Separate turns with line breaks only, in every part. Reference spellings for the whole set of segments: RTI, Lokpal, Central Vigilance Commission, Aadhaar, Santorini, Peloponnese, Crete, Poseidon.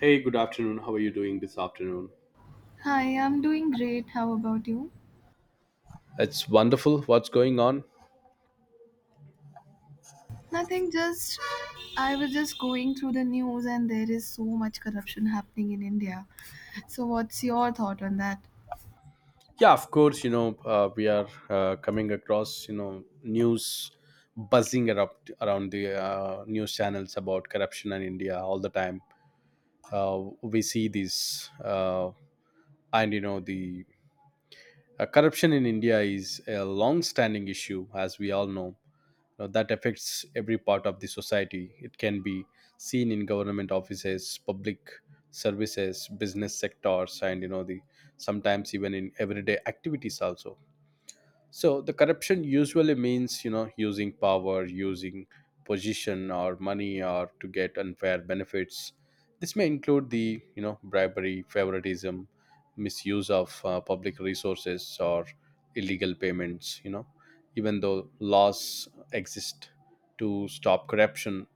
Hey, good afternoon. How are you doing this afternoon?
Hi, I'm doing great. How about you?
It's wonderful. What's going on?
Nothing, just I was just going through the news, and there is so much corruption happening in India. So, what's your thought on that?
Yeah, of course. You know, we are coming across you know news buzzing around the news channels about corruption in India all the time. We see this, and you know the corruption in India is a long-standing issue, as we all know. Now, that affects every part of the society. It can be seen in government offices, public services, business sectors, and you know the sometimes even in everyday activities also, so the corruption usually means, you know, using power, using position or money or to get unfair benefits. This may include the, you know, bribery, favoritism, misuse of public resources or illegal payments, you know. Even though laws exist to stop corruption,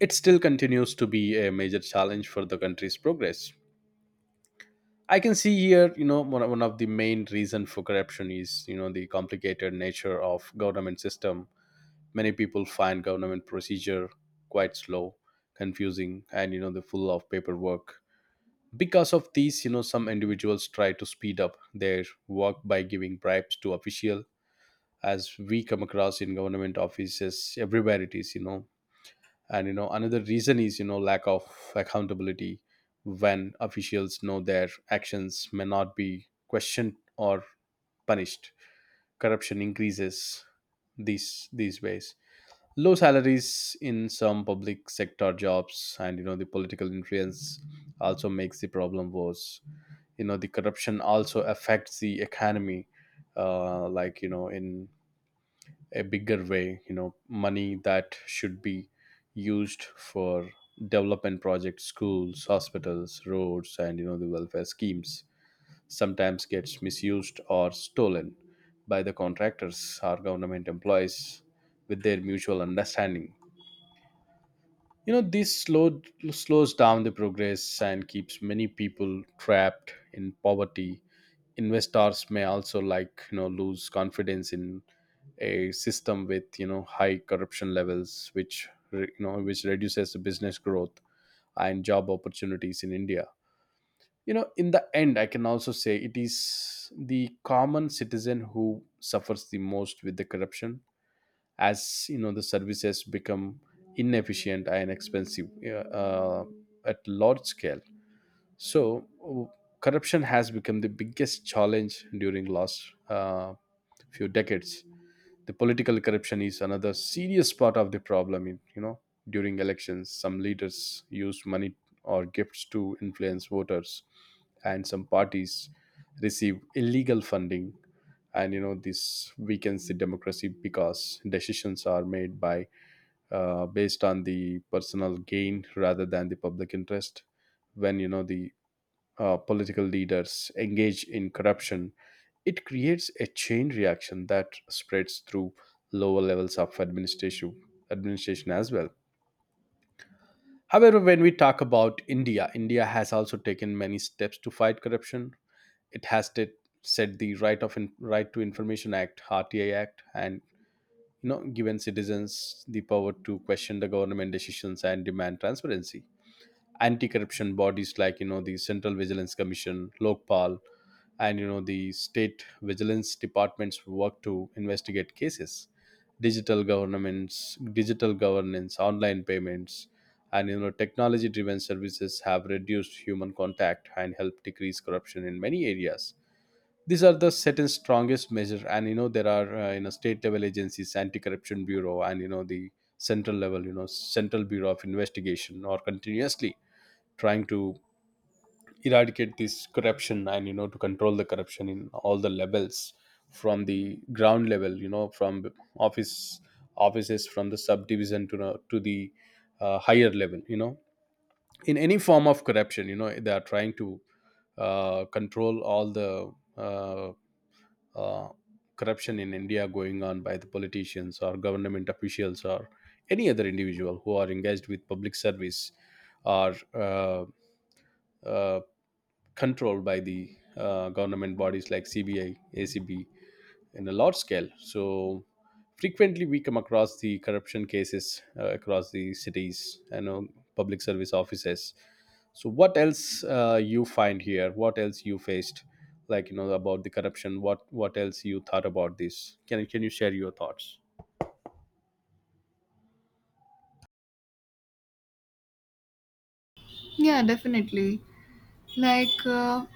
it still continues to be a major challenge for the country's progress. I can see here, you know, one of the main reason for corruption is, you know, the complicated nature of government system. Many people find government procedure quite slow, confusing, and you know, the full of paperwork. Because of these, you know, some individuals try to speed up their work by giving bribes to official. As we come across in government offices everywhere, it is, you know, and you know another reason is you know lack of accountability. When officials know their actions may not be questioned or punished, corruption increases these ways. Low salaries in some public sector jobs and you know the political influence also makes the problem worse. You know the corruption also affects the economy, like you know in a bigger way. You know money that should be used for development projects, schools, hospitals, roads, and you know the welfare schemes sometimes gets misused or stolen by the contractors or government employees with their mutual understanding. You know this slows down the progress and keeps many people trapped in poverty. Investors may also like you know lose confidence in a system with you know high corruption levels, which you know which reduces the business growth and job opportunities in India. You know in the end I can also say it is the common citizen who suffers the most with the corruption, as you know the services become inefficient and expensive at large scale. so, w- Corruption has become the biggest challenge during last few decades. The political corruption is another serious part of the problem. In, you know, during elections, some leaders use money or gifts to influence voters, and some parties receive illegal funding. And you know, this weakens the democracy because decisions are made by based on the personal gain rather than the public interest. When you know the political leaders engage in corruption, it creates a chain reaction that spreads through lower levels of administration as well. However, when we talk about India, India has also taken many steps to fight corruption. It has t- Set the right to information act, (RtI act, and you know given citizens the power to question the government decisions and demand transparency. Anti-corruption bodies like you know the Central Vigilance Commission, Lokpal, and you know the state vigilance departments work to investigate cases. Digital governments, digital governance, online payments, and you know technology-driven services have reduced human contact and help decrease corruption in many areas. These are the certain strongest measure, and you know there are you know state level agencies, anti-corruption bureau, and you know the central level, you know central bureau of investigation, or continuously trying to eradicate this corruption and you know to control the corruption in all the levels, from the ground level you know from office offices, from the subdivision to the higher level. You know in any form of corruption you know they are trying to control all the uh, uh, corruption in India going on by the politicians or government officials or any other individual who are engaged with public service or uh, uh, controlled by the government bodies like CBI, ACB, in a large scale. So frequently we come across the corruption cases across the cities and public service offices. So what else you find here? What else you faced? Like you know about the corruption. What else you thought about this? Can you share your thoughts?
Yeah, definitely. Like, uh,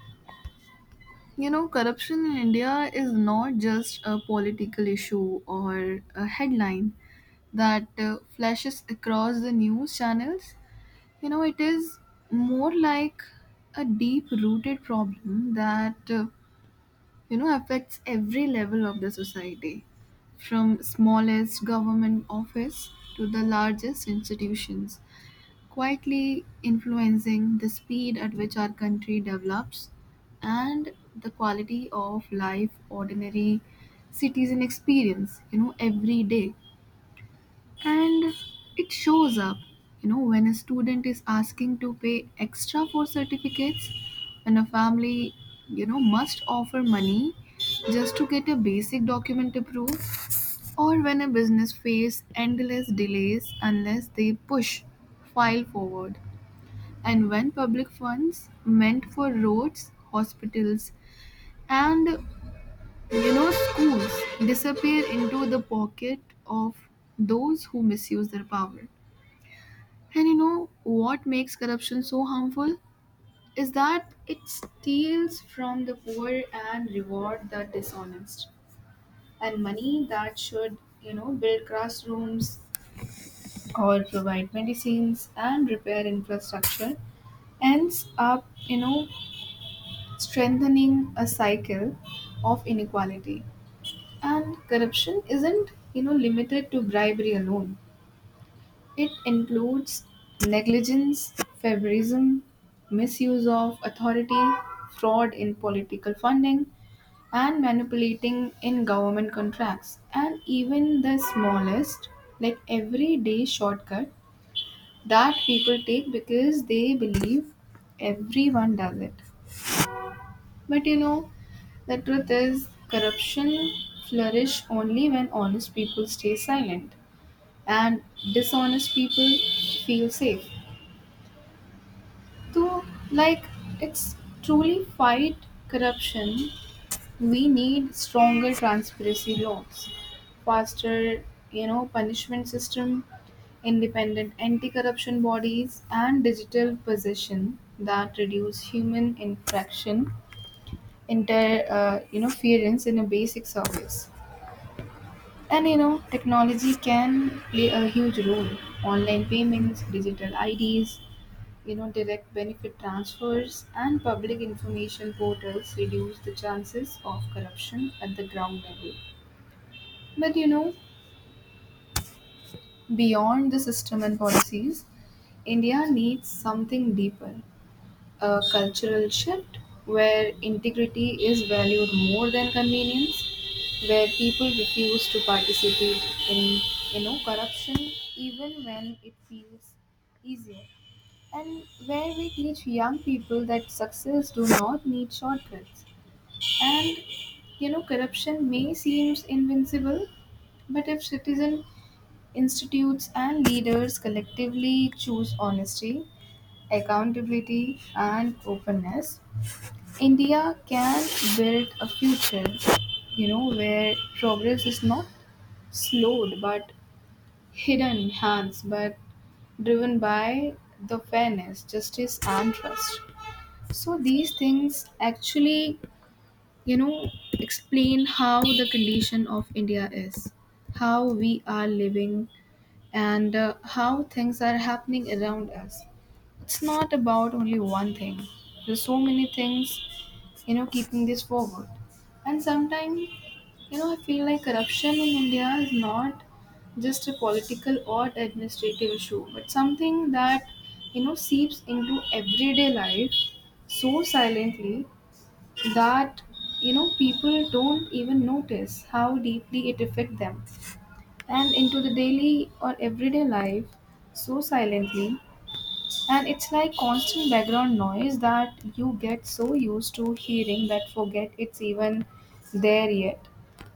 corruption in India is not just a political issue or a headline that flashes across the news channels. It is more like a deep rooted problem that affects every level of the society, from smallest government office to the largest institutions, quietly influencing the speed at which our country develops and the quality of life ordinary citizen experience every day. And it shows up when a student is asking to pay extra for certificates, when a family must offer money just to get a basic document approved, or when a business faces endless delays unless they push file forward, and when public funds meant for roads, hospitals, and schools disappear into the pocket of those who misuse their power. And you know what makes corruption so harmful? Is that it steals from the poor and reward the dishonest. And money that should, build classrooms or provide medicines and repair infrastructure ends up, strengthening a cycle of inequality. And corruption isn't, limited to bribery alone. It includes negligence, favorism, misuse of authority, fraud in political funding, and manipulating in government contracts. And even the smallest, like everyday shortcut that people take because they believe everyone does it. But the truth is, corruption flourish only when honest people stay silent and dishonest people feel safe. So, like, it's truly fight corruption. We need stronger transparency laws, faster, punishment system, independent anti-corruption bodies, and digital possession that reduce human infraction, interference in a basic service. And technology can play a huge role. Online payments, digital IDs, direct benefit transfers and public information portals reduce the chances of corruption at the ground level. But beyond the system and policies, India needs something deeper, a cultural shift where integrity is valued more than convenience, where people refuse to participate in corruption even when it feels easier, and where we teach young people that success do not need shortcuts. And corruption may seem invincible, but if citizen, institutes and leaders collectively choose honesty, accountability and openness, India can build a future where progress is not slowed but hidden hands but driven by the fairness, justice and trust. So these things actually, you know, explain how the condition of India is, how we are living, and how things are happening around us. It's not about only one thing. There's so many things, keeping this forward. And sometimes, I feel like corruption in India is not just a political or administrative issue, but something that, seeps into everyday life so silently that people don't even notice how deeply it affect them, and into the daily or everyday life so silently. And it's like constant background noise that you get so used to hearing that forget it's even there yet,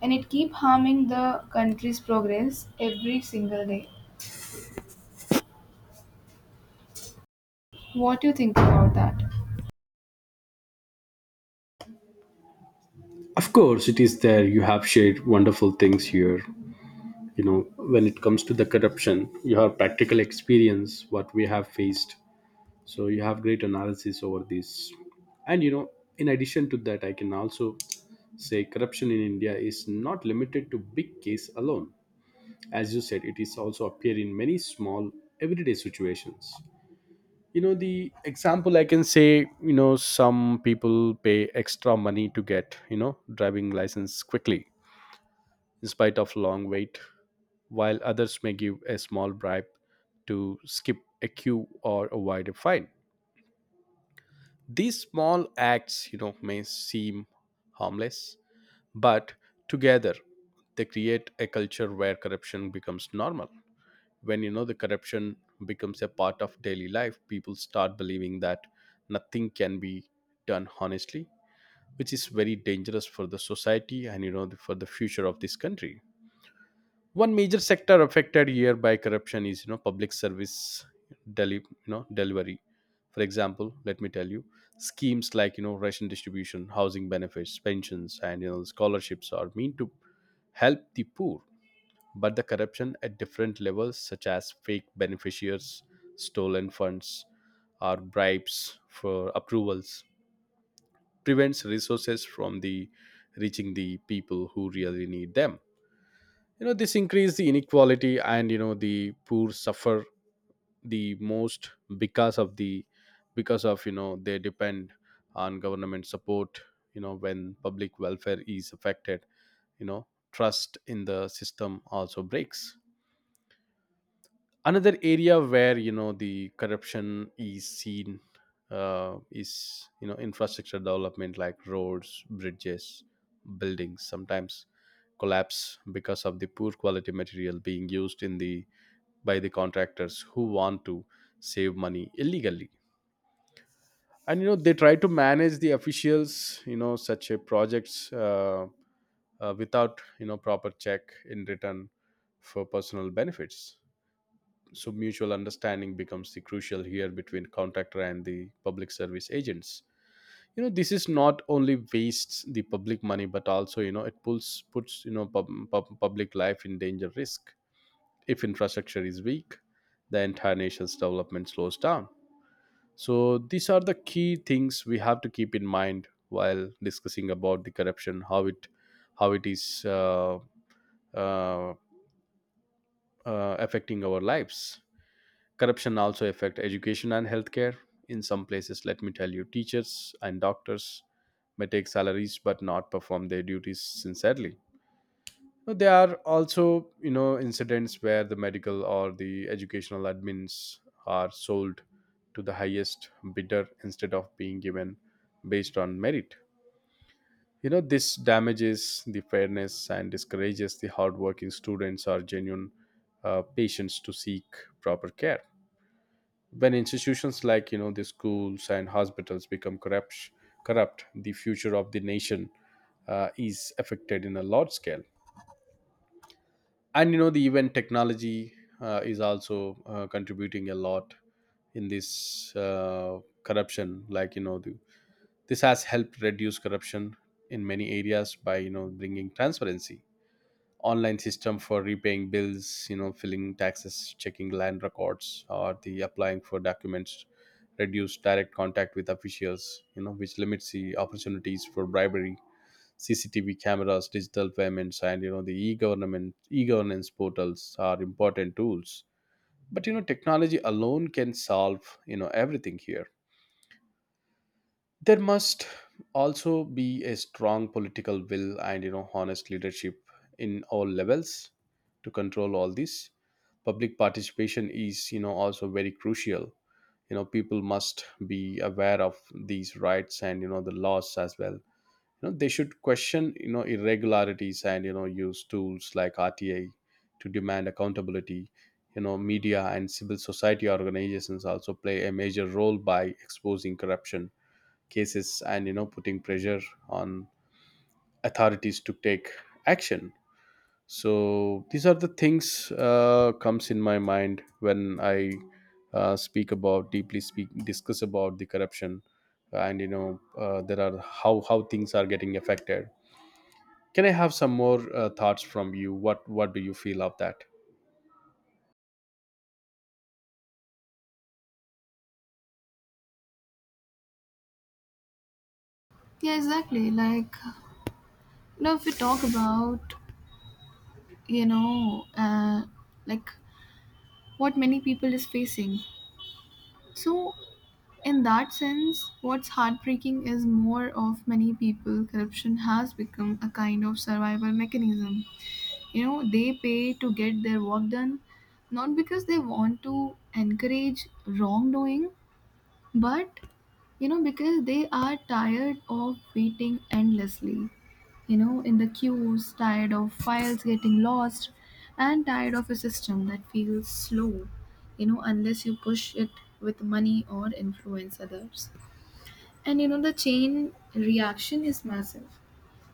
and it keep harming the country's progress every single day. What do you think about that?
Of course, it is there. You have shared wonderful things here. You know, when it comes to the corruption, you have practical experience, what we have faced. So you have great analysis over this, and you know in addition to that I can also say corruption in India is not limited to big case alone. As you said, it is also appear in many small everyday situations. You know the example I can say, you know some people pay extra money to get you know driving license quickly, in spite of long wait, while others may give a small bribe to skip a queue or avoid a fine. These small acts, you know, may seem harmless, but together they create a culture where corruption becomes normal. When you know the corruption becomes a part of daily life, people start believing that nothing can be done honestly, which is very dangerous for the society and you know for the future of this country. One major sector affected here by corruption is you know public service deli- you know delivery. For example, let me tell you, schemes like you know ration distribution, housing benefits, pensions, and you know scholarships are meant to help the poor, but the corruption at different levels such as fake beneficiaries, stolen funds, or bribes for approvals prevents resources from the reaching the people who really need them. You know this increase the inequality, and you know the poor suffer the most, because of the because of you know they depend on government support. You know when public welfare is affected, you know trust in the system also breaks. Another area where you know the corruption is seen is you know infrastructure development, like roads, bridges, buildings sometimes collapse because of the poor quality material being used in the by the contractors who want to save money illegally, and you know they try to manage the officials you know such a projects without you know proper check in return for personal benefits. So mutual understanding becomes the crucial here between contractor and the public service agents. You know, this is not only wastes the public money, but also you know it pulls puts you know public life in danger risk. If infrastructure is weak, the entire nation's development slows down. So these are the key things we have to keep in mind while discussing about the corruption, how it is uh, uh, affecting our lives. Corruption also affect education and healthcare in some places. Let me tell you, teachers and doctors may take salaries but not perform their duties sincerely. But there are also you know incidents where the medical or the educational admins are sold to the highest bidder instead of being given based on merit. You know this damages the fairness and discourages the hardworking students or genuine patients to seek proper care. When institutions like you know the schools and hospitals become corrupt, the future of the nation is affected in a large scale. And you know the even technology is also contributing a lot in this corruption. Like you know this has helped reduce corruption in many areas by you know bringing transparency. Online system for repaying bills, you know filling taxes, checking land records, or the applying for documents reduce direct contact with officials, you know which limits the opportunities for bribery. CCTV cameras, digital payments, and you know the e-government e-governance portals are important tools, but you know technology alone can solve you know everything here. There must also be a strong political will and you know honest leadership in all levels to control all this. Public participation is you know also very crucial. You know people must be aware of these rights and you know the laws as well. You know they should question you know irregularities and you know use tools like RTI to demand accountability. You know media and civil society organizations also play a major role by exposing corruption cases and you know putting pressure on authorities to take action. So these are the things comes in my mind when I speak about deeply speak discuss about the corruption and you know there are how things are getting affected. Can I have some more thoughts from you? What do you feel of that?
Yeah, exactly. If we talk about you know uh, like what many people is facing. So in that sense, what's heartbreaking is more of many people corruption has become a kind of survival mechanism. You know, they pay to get their work done, not because they want to encourage wrongdoing, but, because they are tired of waiting endlessly, in the queues, tired of files getting lost, and tired of a system that feels slow, unless you push it with money or influence others. And, the chain reaction is massive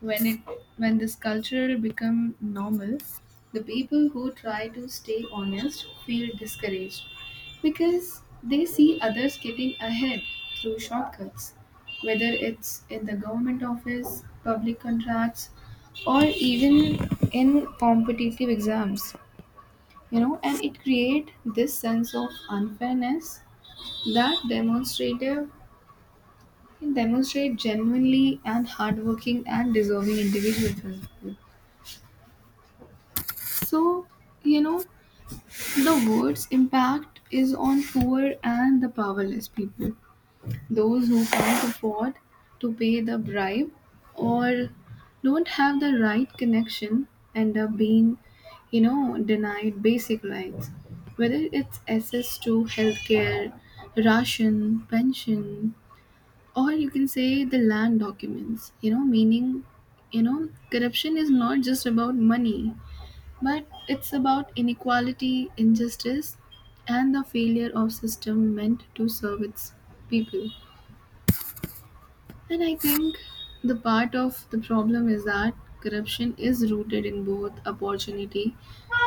when it when this culture become normal. The people who try to stay honest feel discouraged because they see others getting ahead through shortcuts, whether it's in the government office, public contracts, or even in competitive exams. You know and it create this sense of unfairness that demonstrative demonstrate genuinely and hardworking and deserving individuals. So, you know, the word's impact is on poor and the powerless people, those who can't afford to pay the bribe or don't have the right connection end up being, denied basic rights, whether it's access to healthcare, ration, pension, or you can say the land documents, meaning, corruption is not just about money but it's about inequality, injustice, and the failure of system meant to serve its people. And I think the part of the problem is that corruption is rooted in both opportunity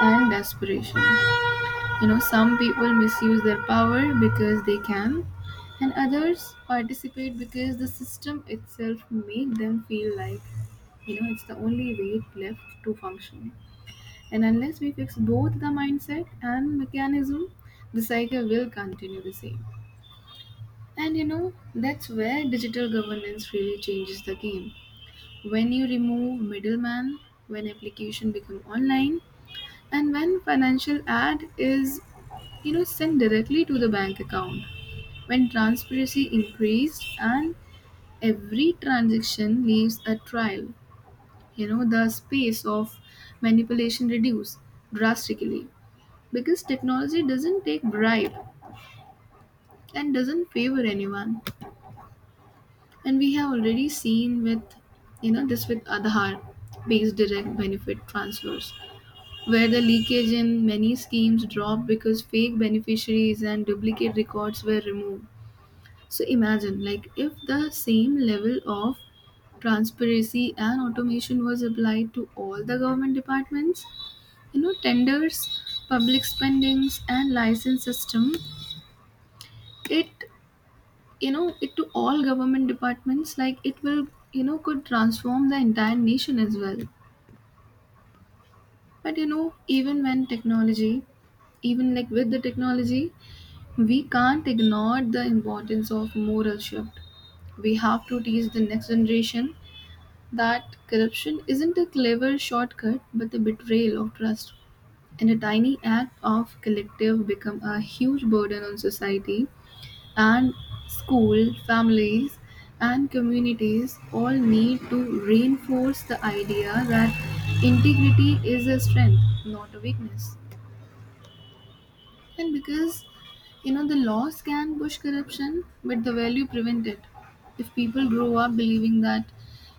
and desperation. You know, some people misuse their power because they can, and others participate because the system itself made them feel like, it's the only way left to function. And unless we fix both the mindset and mechanism, the cycle will continue the same. And that's where digital governance really changes the game. When you remove middleman, when application become online, and when financial ad is sent directly to the bank account. When transparency increased and every transaction leaves a trail, the space of manipulation reduced drastically. Because technology doesn't take bribe and doesn't favor anyone, and we have already seen with this with aadhaar based direct benefit transfers, where the leakage in many schemes dropped because fake beneficiaries and duplicate records were removed. So imagine, like, if the same level of transparency and automation was applied to all the government departments, tenders, public spendings and license system, it it to all government departments, like it will could transform the entire nation as well. But even when technology, even like with the technology, we can't ignore the importance of moral shift. We have to teach the next generation that corruption isn't a clever shortcut but the betrayal of trust, and a tiny act of collective become a huge burden on society. And school, families, and communities all need to reinforce the idea that integrity is a strength, not a weakness. And because the laws can push corruption, but the value prevent it. If people grow up believing that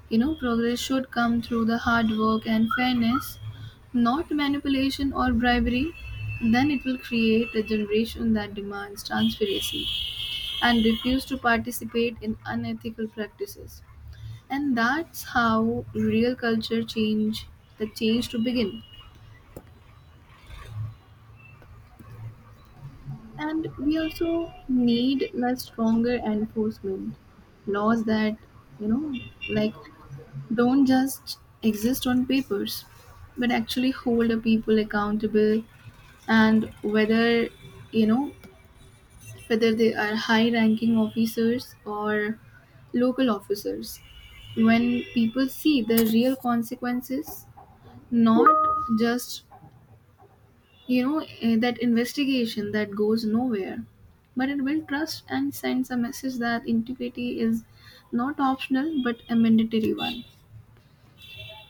progress should come through the hard work and fairness, not manipulation or bribery, then it will create a generation that demands transparency and refuse to participate in unethical practices. And that's how real culture change, the change to begin. And we also need a stronger enforcement laws that, you know, like don't just exist on papers, but actually hold the people accountable, and whether, you know, whether they are high ranking officers or local officers. When people see the real consequences, not just, that investigation that goes nowhere, but it will trust and sends a message that integrity is not optional but a mandatory one.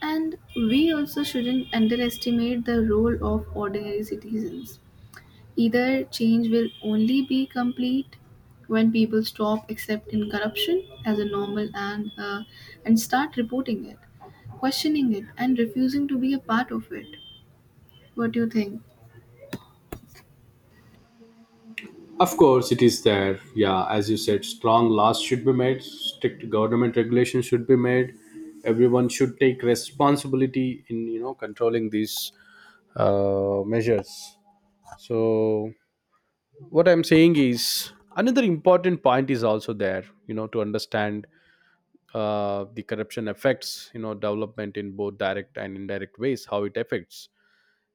And we also shouldn't underestimate the role of ordinary citizens. Either change will only be complete when people stop accepting corruption as a normal, and start reporting it, questioning it, and refusing to be a part of it. What do you think?
Of course, it is there. Yeah, as you said, strong laws should be made, strict government regulations should be made. Everyone should take responsibility in controlling these measures. So what I'm saying is another important point is also there. To understand the corruption affects development in both direct and indirect ways. How it affects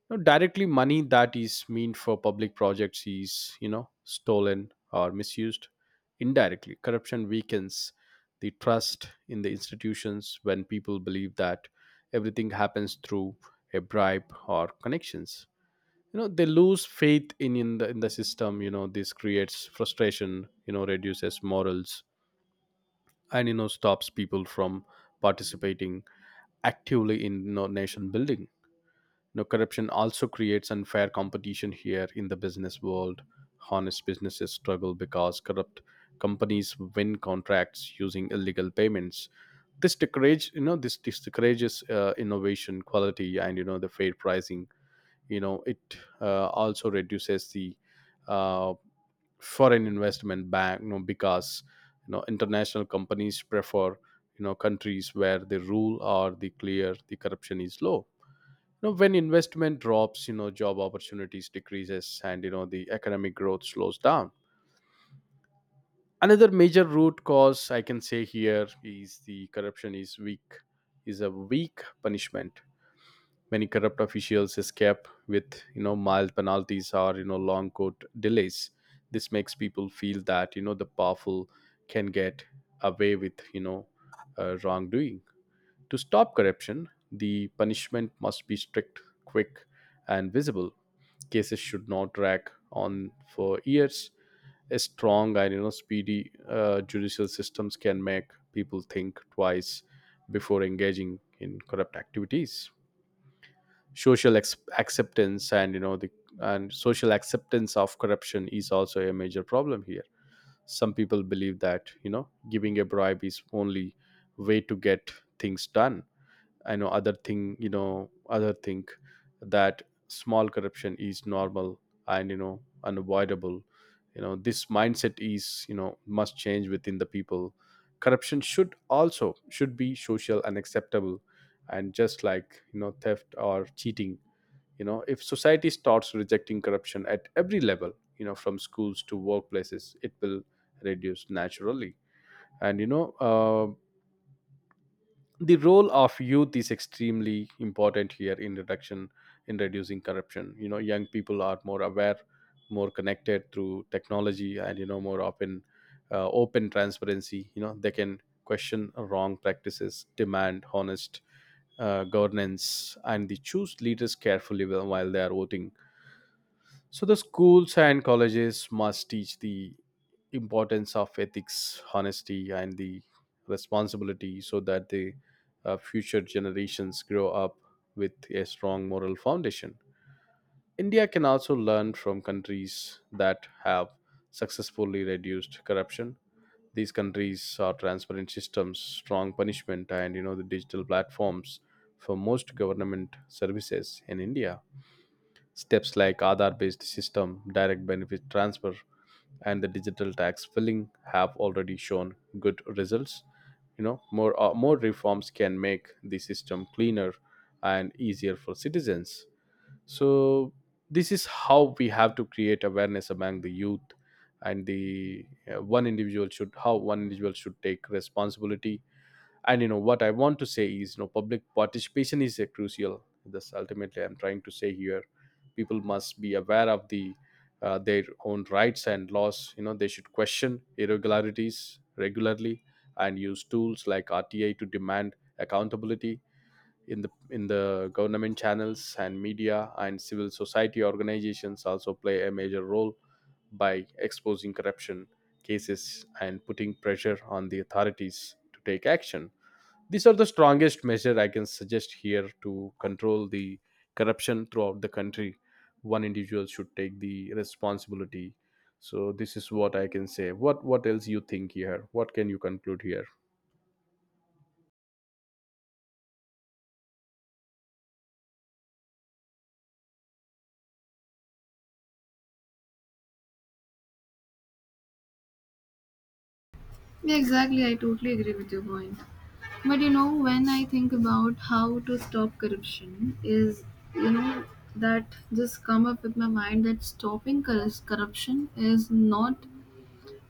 now. Directly, money that is meant for public projects is stolen or misused. Indirectly, corruption weakens the trust in the institutions when people believe that everything happens through a bribe or connections. They lose faith in the system. This creates frustration, reduces morals, and stops people from participating actively in nation building. Corruption also creates unfair competition here in the business world. Honest businesses struggle because corrupt companies win contracts using illegal payments. This discourages innovation, quality, and the fair pricing. It also reduces the uh, foreign investment back, because international companies prefer countries where the rule or the clear the corruption is low. When investment drops, job opportunities decreases, and the economic growth slows down. Another major root cause I can say here is the corruption is a weak punishment. Many corrupt officials escape with mild penalties or long court delays. This makes people feel that the powerful can get away with wrongdoing. To stop corruption, the punishment must be strict, quick, and visible. Cases should not drag on for years. A strong and speedy judicial systems can make people think twice before engaging in corrupt activities. Social ex- acceptance and you know the and social acceptance of corruption is also a major problem here. Some people believe that giving a bribe is only way to get things done. I know other thing, other think that small corruption is normal and unavoidable. This mindset is must change within the people. Corruption should also should be social and acceptable, and just like theft or cheating, if society starts rejecting corruption at every level, from schools to workplaces, it will reduce naturally. And the role of youth is extremely important here in reducing corruption. Young people are more aware, more connected through technology, and more open transparency. They can question wrong practices, demand honest governance, and they choose leaders carefully while they are voting. So the schools and colleges must teach the importance of ethics, honesty, and the responsibility so that the future generations grow up with a strong moral foundation. India can also learn from countries that have successfully reduced corruption. These countries are transparent systems, strong punishment, and the digital platforms for most government services in India. Steps like Aadhaar based system, direct benefit transfer, and the digital tax filling have already shown good results. More reforms can make the system cleaner and easier for citizens. So this is how we have to create awareness among the youth, and the one individual should take responsibility. And what I want to say is public participation is a crucial this ultimately I'm trying to say here. People must be aware of the their own rights and laws. They should question irregularities regularly and use tools like RTA to demand accountability in the government channels, and media and civil society organizations also play a major role by exposing corruption cases and putting pressure on the authorities to take action. These are the strongest measure I can suggest here to control the corruption throughout the country. One individual should take the responsibility. So this is what I can say. What else you think here? What can you conclude here?
Yeah, exactly. I totally agree with your point. But when I think about how to stop corruption, is you know that just come up with my mind that stopping corruption is not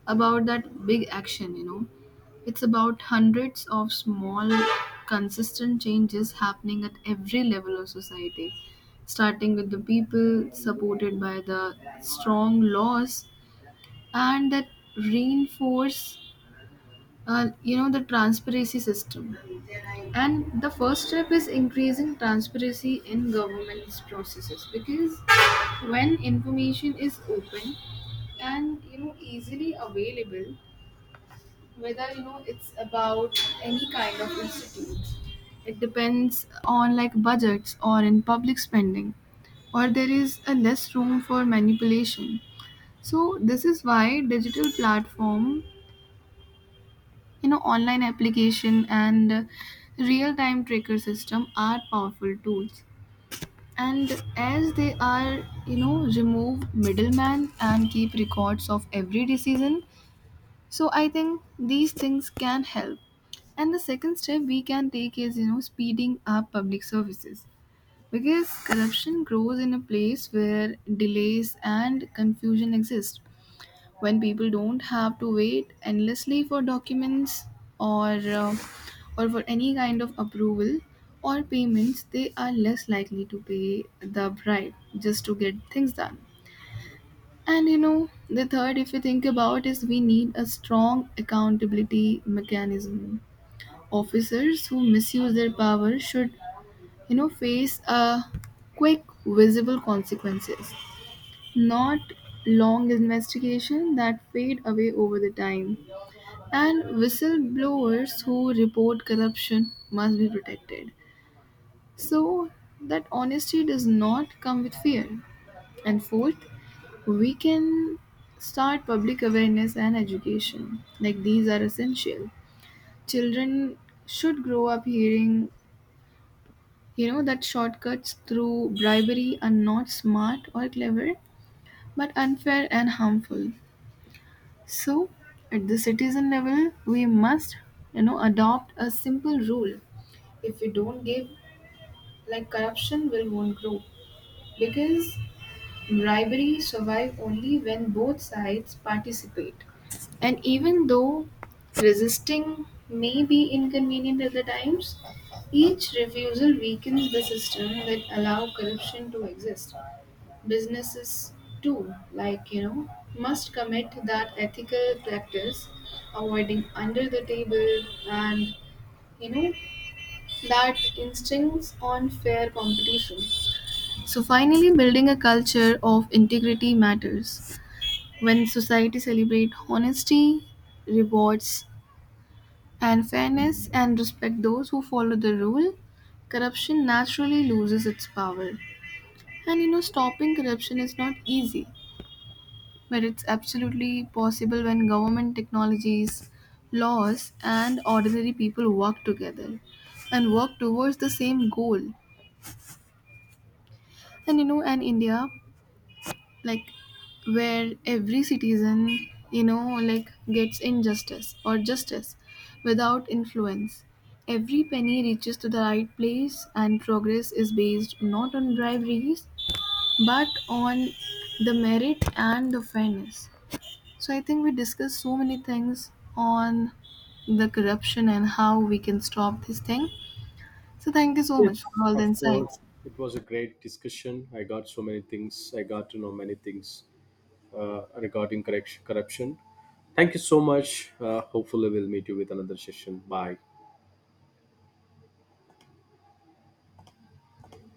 about that big action, you know. It's about hundreds of small, consistent changes happening at every level of society, starting with the people, supported by the strong laws, and that reinforce, the transparency system. And the first step is increasing transparency in government's processes, because when information is open and easily available, whether it's about any kind of institute, it depends on like budgets or in public spending, or there is a less room for manipulation. So this is why digital platform, online application and real time tracker system are powerful tools, and as they are remove middleman and keep records of every decision. So I think these things can help. And the second step we can take is, speeding up public services. Because corruption grows in a place where delays and confusion exist. When people don't have to wait endlessly for documents or uh, or for any kind of approval or payments, they are less likely to pay the bribe just to get things done. And the third, if you think about, is we need a strong accountability mechanism. Officers who misuse their power should, face a quick, visible consequences, not long investigation that fade away over the time. And whistleblowers who report corruption must be protected. So that honesty does not come with fear. And fourth, we can start public awareness and education. Like these are essential. Children should grow up hearing, that shortcuts through bribery are not smart or clever, but unfair and harmful. So, at the citizen level, we must, adopt a simple rule. If we don't give, like corruption will won't grow, because rivalries survive only when both sides participate, and even though resisting may be inconvenient at the times, each refusal weakens the system that allow corruption to exist. Businesses too, must commit that ethical practice, avoiding under the table and you know that instincts on fair competition. So finally, building a culture of integrity matters. When society celebrates honesty, rewards, and fairness and respect those who follow the rule, corruption naturally loses its power. And stopping corruption is not easy, but it's absolutely possible when government technologies, laws, and ordinary people work together and work towards the same goal. And in India, like where every citizen you know gets injustice or justice without influence, every penny reaches to the right place and progress is based not on briberies but on the merit and the fairness. So I think we discussed so many things on the corruption and how we can stop this thing. So thank you so much for all the insights.
It was a great discussion. I got so many things. I got to know many things regarding corruption. Thank you so much. Hopefully, we'll meet you with another session. Bye.